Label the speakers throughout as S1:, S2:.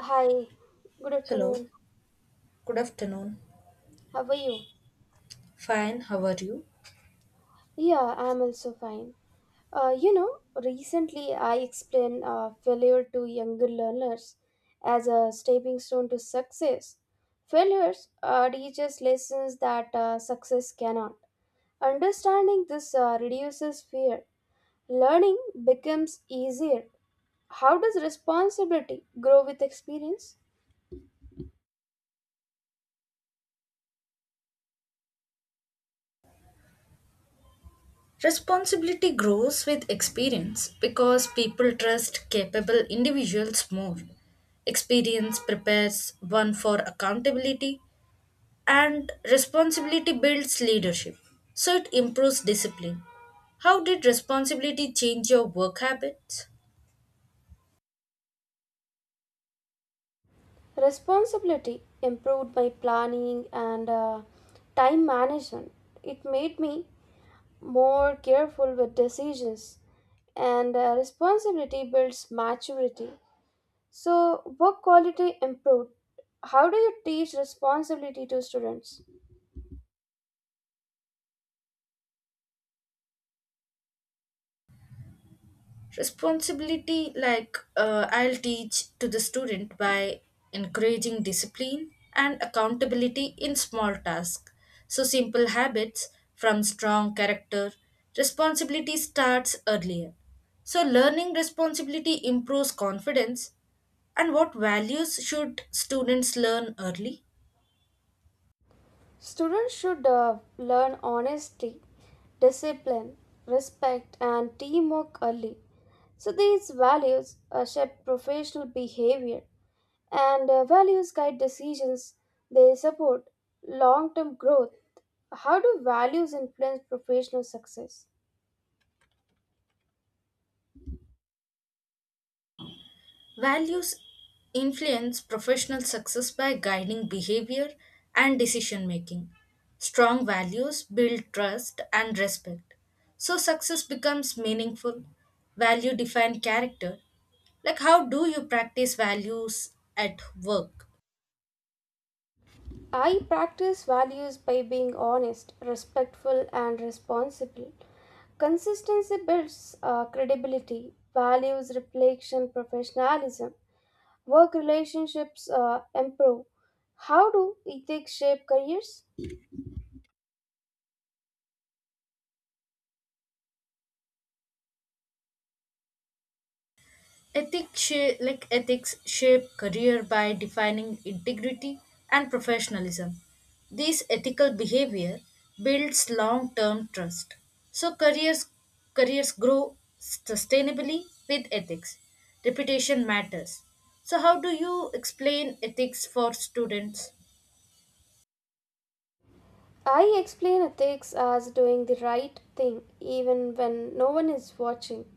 S1: Hi, good
S2: Hello,
S1: afternoon.
S2: good afternoon.
S1: How are you?
S2: Fine, how are you?
S1: Yeah, I'm also fine. Uh, you know, Recently I explained failure to younger learners as a stepping stone to success. Failures teaches lessons that success cannot. Understanding this reduces fear. Learning becomes easier. How does responsibility grow with experience?
S2: Responsibility grows with experience because people trust capable individuals more. Experience prepares one for accountability, and responsibility builds leadership, so it improves discipline. How did responsibility change your work habits?
S1: Responsibility improved my planning and time management. It made me more careful with decisions, and responsibility builds maturity. So, work quality improved. How do you teach responsibility to students?
S2: Responsibility, like, I'll teach to the student by encouraging discipline and accountability in small tasks, so simple habits from strong character. Responsibility starts earlier, so learning responsibility improves confidence. And what values should students learn early?
S1: Students should learn honesty, discipline, respect, and teamwork early. So, these values shape professional behavior, and values guide decisions. They support long term growth. How do values influence professional success?
S2: Values influence professional success by guiding behavior and decision making. Strong values build trust and respect. So success becomes meaningful. Value define character. Like, how do you practice values at work?
S1: I practice values by being honest, respectful, and responsible. Consistency builds credibility, values, reflection, professionalism. Work relationships improve. How do ethics shape careers?
S2: Ethics shape, like, ethics shape career by defining integrity and professionalism. This ethical behavior builds long-term trust. So careers, careers grow sustainably with ethics. Reputation matters. So how do you explain ethics for students?
S1: I explain ethics as doing the right thing even when no one is watching.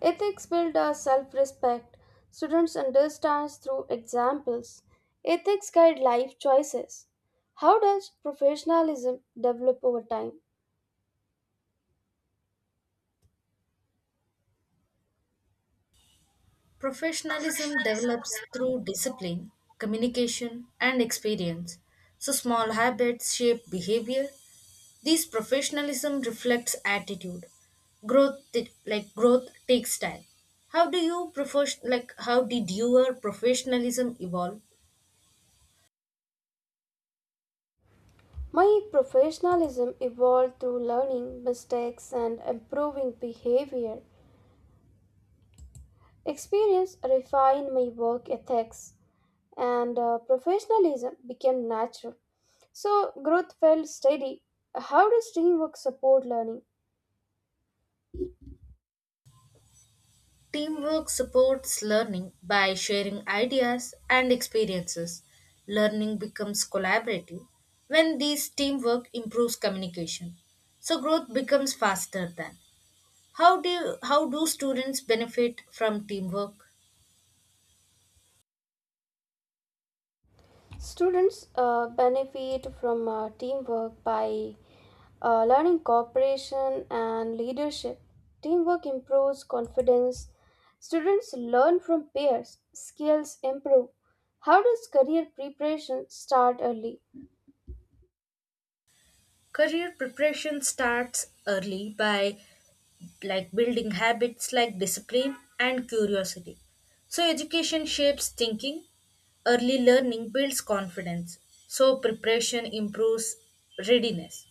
S1: Ethics build our self-respect. Students understand through examples. Ethics guide life choices. How does professionalism develop over time?
S2: Professionalism develops through discipline, communication, and experience. So, small habits shape behavior. This professionalism reflects attitude. Growth, like growth, takes time. How do you profession Like, how did your professionalism evolve?
S1: My professionalism evolved through learning mistakes and improving behavior. Experience refined my work ethics and professionalism became natural. So growth felt steady. How does teamwork support learning?
S2: Teamwork supports learning by sharing ideas and experiences. Learning becomes collaborative when these teamwork improves communication. So growth becomes faster than. How do students benefit from teamwork?
S1: Students benefit from teamwork by learning cooperation and leadership. Teamwork improves confidence. Students learn from peers. Skills improve. How does career preparation start early?
S2: Career preparation starts early by, like, building habits like discipline and curiosity. So, education shapes thinking, early learning builds confidence, so preparation improves readiness.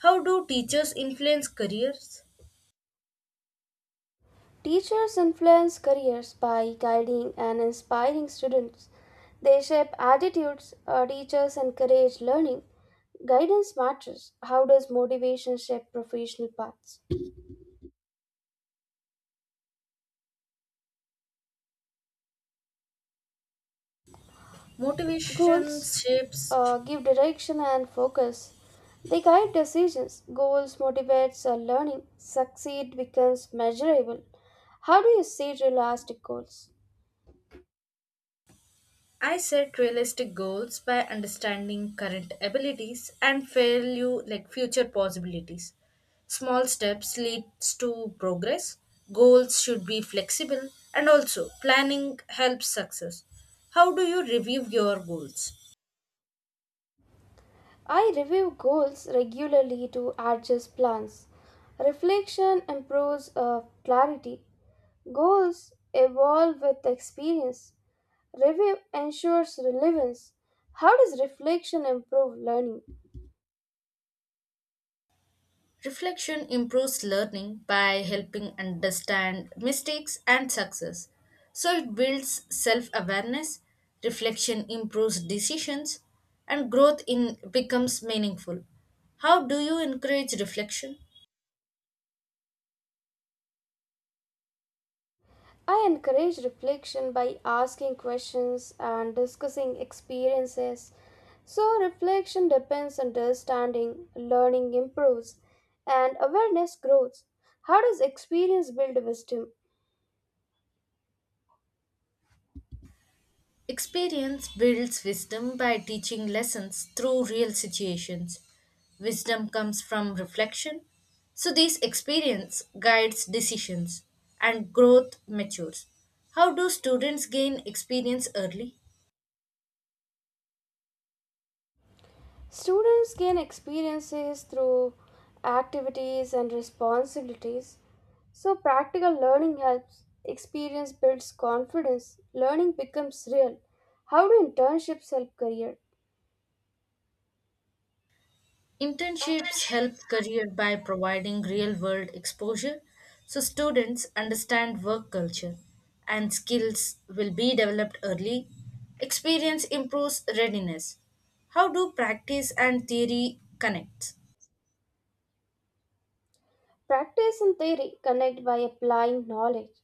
S2: How do teachers influence careers?
S1: Teachers influence careers by guiding and inspiring students. They shape attitudes. Teachers encourage learning. Guidance matters. How does motivation shape professional paths?
S2: Motivation
S1: Goals
S2: shapes.
S1: give direction and focus. They guide decisions. Goals motivates learning. Succeed becomes measurable. How do you set realistic goals?
S2: I set realistic goals by understanding current abilities and value, like, future possibilities. Small steps leads to progress. Goals should be flexible, and also planning helps success. How do you review your goals?
S1: I review goals regularly to adjust plans. Reflection improves clarity. Goals evolve with experience. Review ensures relevance. How does reflection improve learning?
S2: Reflection improves learning by helping understand mistakes and success. So it builds self awareness, reflection improves decisions, and growth in becomes meaningful. How do you encourage reflection?
S1: I encourage reflection by asking questions and discussing experiences. So, reflection depends on understanding, learning improves, and awareness grows. How does experience build wisdom?
S2: Experience builds wisdom by teaching lessons through real situations. Wisdom comes from reflection, so this experience guides decisions and growth matures. How do students gain experience early?
S1: Students gain experiences through activities and responsibilities. So, practical learning helps, experience builds confidence, learning becomes real. How do internships help career?
S2: Internships help career by providing real-world exposure, so students understand work culture and skills will be developed early. Experience improves readiness. How do practice and theory connect?
S1: Practice and theory connect by applying knowledge.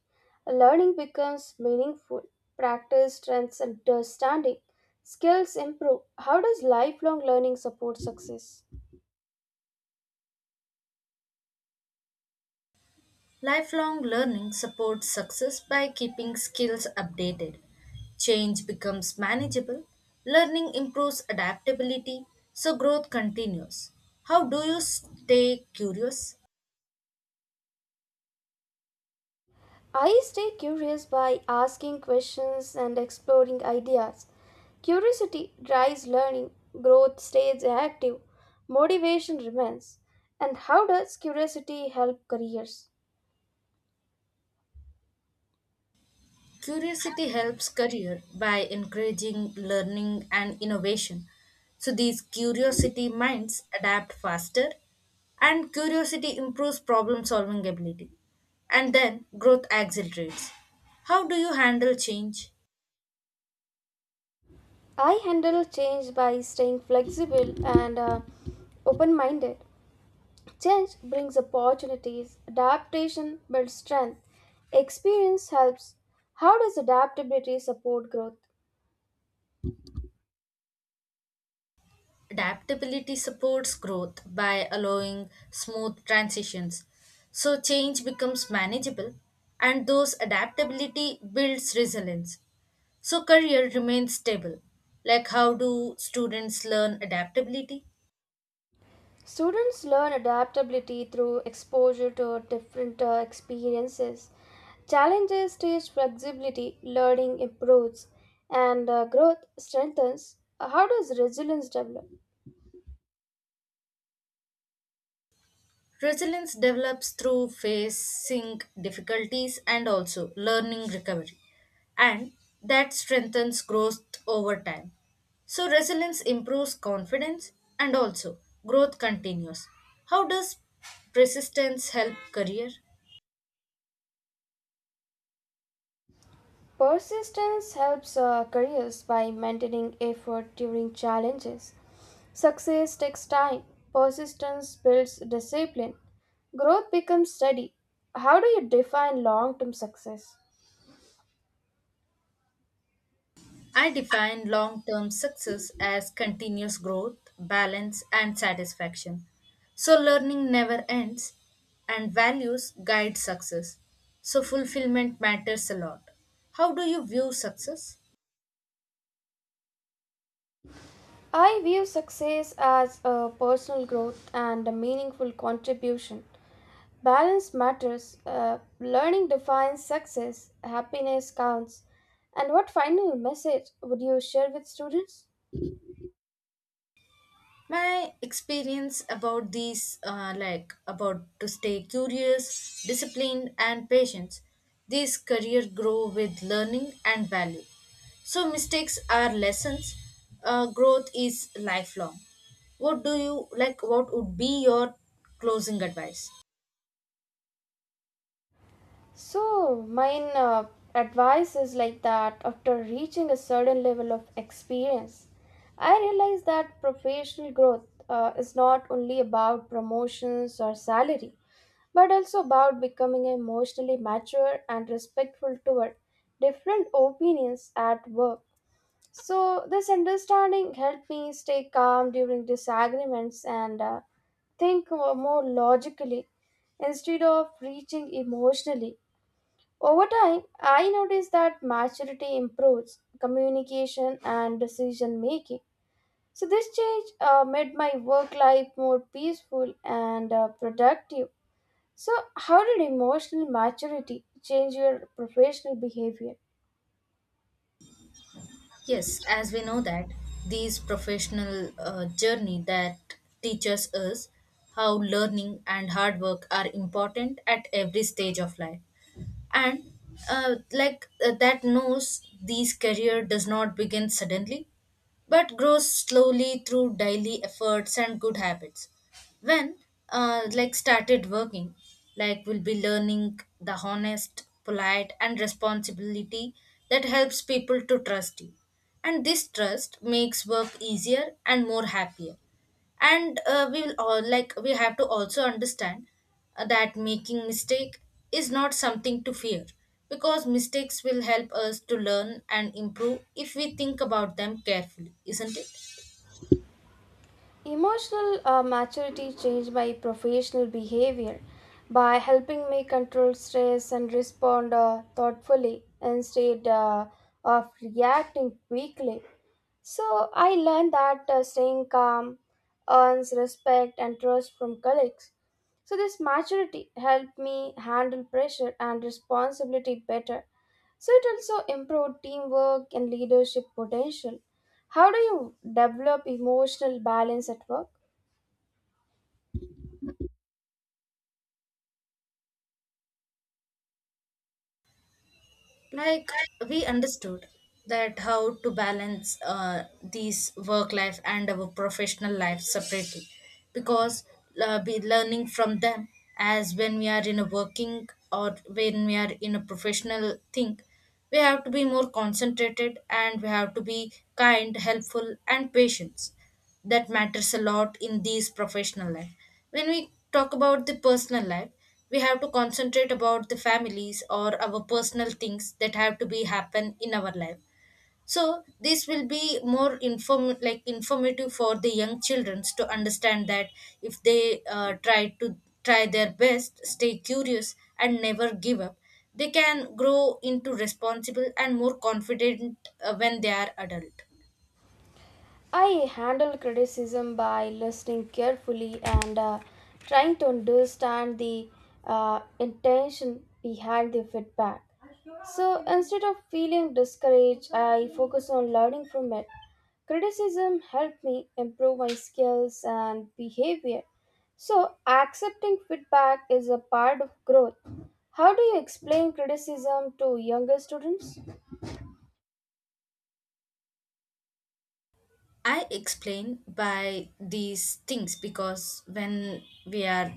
S1: Learning becomes meaningful. Practice strengthens understanding. Skills improve. How does lifelong learning support success?
S2: Lifelong learning supports success by keeping skills updated. Change becomes manageable. Learning improves adaptability, so growth continues. How do you stay curious?
S1: I stay curious by asking questions and exploring ideas. Curiosity drives learning, growth stays active, motivation remains. And how does curiosity help careers?
S2: Curiosity helps career by encouraging learning and innovation. So these curiosity minds adapt faster and curiosity improves problem solving ability. And then growth accelerates. How do you handle change?
S1: I handle change by staying flexible and open minded. Change brings opportunities, adaptation builds strength, experience helps. How does adaptability support growth?
S2: Adaptability supports growth by allowing smooth transitions, so change becomes manageable, and those adaptability builds resilience. So career remains stable. Like, how do students learn adaptability?
S1: Students learn adaptability through exposure to different experiences. Challenges teach flexibility, learning improves, and growth strengthens. How does resilience develop?
S2: Resilience develops through facing difficulties and also learning recovery, and that strengthens growth over time. So, resilience improves confidence and also growth continues. How does persistence help career?
S1: Persistence helps careers by maintaining effort during challenges. Success takes time, persistence builds discipline, growth becomes steady. How do you define long term success?
S2: I define long term success as continuous growth, balance, and satisfaction. So, learning never ends, and values guide success. So, fulfillment matters a lot. How do you view success?
S1: I view success as a personal growth and a meaningful contribution. Balance matters. Learning defines success. Happiness counts. And what final message would you share with students?
S2: My experience about these, like, about to stay curious, disciplined, and patient. These career grow with learning and value, so mistakes are lessons. Growth is lifelong. What would be your closing advice?
S1: So, mine advice is like that after reaching a certain level of experience, I realized that professional growth is not only about promotions or salary, but also about becoming emotionally mature and respectful toward different opinions at work. So, this understanding helped me stay calm during disagreements and think more logically instead of reaching emotionally. Over time, I noticed that maturity improves communication and decision making. So, this change made my work life more peaceful and productive. So, how did emotional maturity change your professional behavior?
S2: Yes, as we know that these professional journey that teaches us how learning and hard work are important at every stage of life. And that knows these career does not begin suddenly but grows slowly through daily efforts and good habits. When, like, started working, like, will be learning the honest, polite, and responsibility that helps people to trust you, and this trust makes work easier and more happier. And we will all, like, we have to also understand that making mistake is not something to fear, because mistakes will help us to learn and improve if we think about them carefully, isn't it?
S1: Emotional maturity changed my professional behavior by helping me control stress and respond thoughtfully instead of reacting quickly. So, I learned that staying calm earns respect and trust from colleagues. So, this maturity helped me handle pressure and responsibility better. So it also improved teamwork and leadership potential. How do you develop emotional balance at work?
S2: Like, we understood that how to balance these work life and our professional life separately, because, be learning from them, as when we are in a working or when we are in a professional thing, we have to be more concentrated and we have to be kind, helpful, and patient. That matters a lot in these professional life. When we talk about the personal life, we have to concentrate about the families or our personal things that have to be happen in our life. So this will be more inform, like, informative for the young children to understand that if they, try their best, stay curious, and never give up, they can grow into responsible and more confident when they are adult.
S1: I handle criticism by listening carefully and trying to understand the intention behind the feedback. So instead of feeling discouraged, I focus on learning from it. Criticism helped me improve my skills and behavior. So accepting feedback is a part of growth. How do you explain criticism to younger students?
S2: I explain by these things, because when we are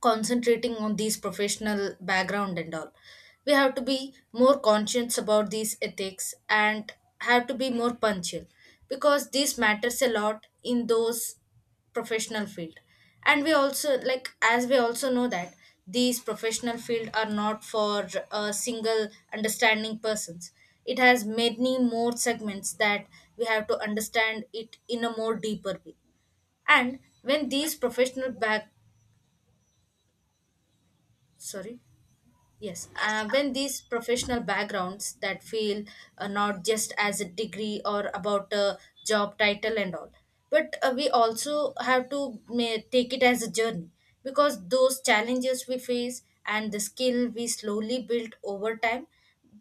S2: concentrating on these professional background and all, we have to be more conscious about these ethics and have to be more punctual, because this matters a lot in those professional field. And we also, like, as we also know that these professional field are not for a single understanding persons. It has many more segments that we have to understand it in a more deeper way. And when these professional back, sorry. Yes, when these professional backgrounds that feel not just as a degree or about a job title and all, but we also have to take it as a journey, because those challenges we face and the skill we slowly build over time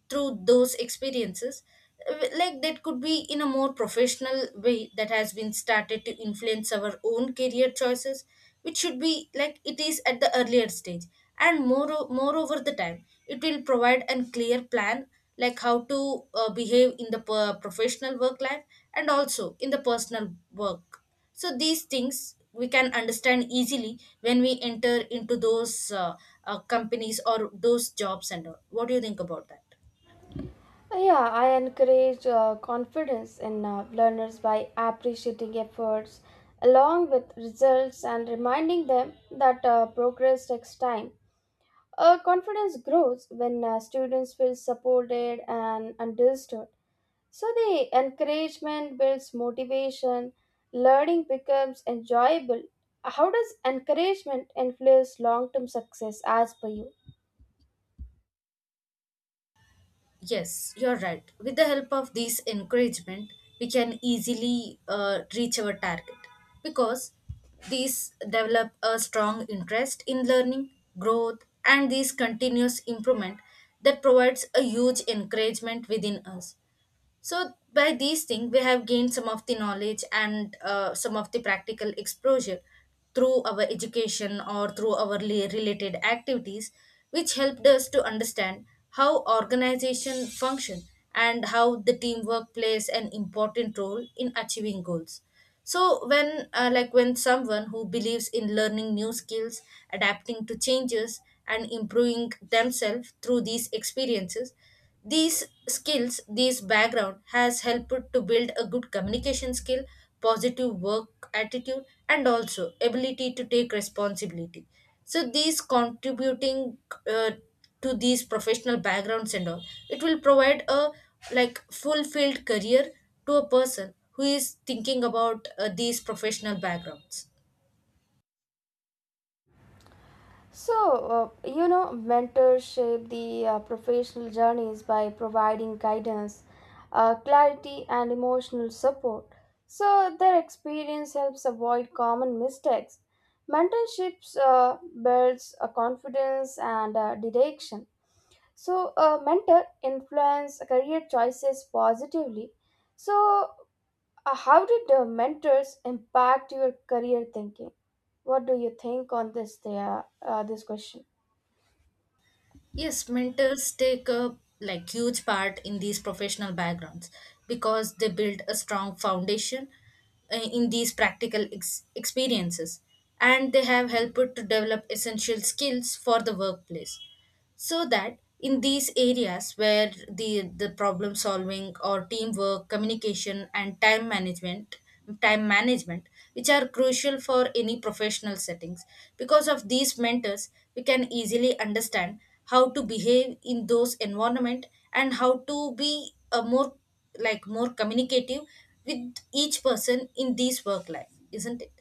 S2: through those experiences, like, that could be in a more professional way that has been started to influence our own career choices, which should be, like, it is at the earlier stage. And more, moreover the time, it will provide a clear plan, like how to behave in the professional work life and also in the personal work. So these things we can understand easily when we enter into those companies or those jobs and all. What do you think about that?
S1: Yeah, I encourage confidence in learners by appreciating efforts along with results and reminding them that progress takes time. Confidence grows when students feel supported and understood. So, the encouragement builds motivation, learning becomes enjoyable. How does encouragement influence long term success as per you?
S2: Yes, you're right. With the help of these encouragement, we can easily reach our target, because these develop a strong interest in learning, growth, and this continuous improvement, that provides a huge encouragement within us. So, by these things, we have gained some of the knowledge and some of the practical exposure through our education or through our related activities, which helped us to understand how organization function and how the teamwork plays an important role in achieving goals. So when, like, when someone who believes in learning new skills, adapting to changes, and improving themselves through these experiences, these skills, this background has helped to build a good communication skill, positive work attitude, and also ability to take responsibility. So these contributing uh, to these professional backgrounds and all, it will provide a, like, fulfilled career to a person who is thinking about these professional backgrounds.
S1: So, mentors shape the professional journeys by providing guidance, clarity, and emotional support. So, their experience helps avoid common mistakes. Mentorships builds a confidence and direction. So, a mentor influence career choices positively. So, how did mentors impact your career thinking? What do you think on this? There, this question.
S2: Yes, mentors take a, like, huge part in these professional backgrounds, because they build a strong foundation in these practical experiences, and they have helped to develop essential skills for the workplace. So that in these areas where the problem solving or teamwork, communication, and time management, time management which are crucial for any professional settings. Because of these mentors, we can easily understand how to behave in those environment and how to be a more, like, more communicative with each person in this work life, isn't it?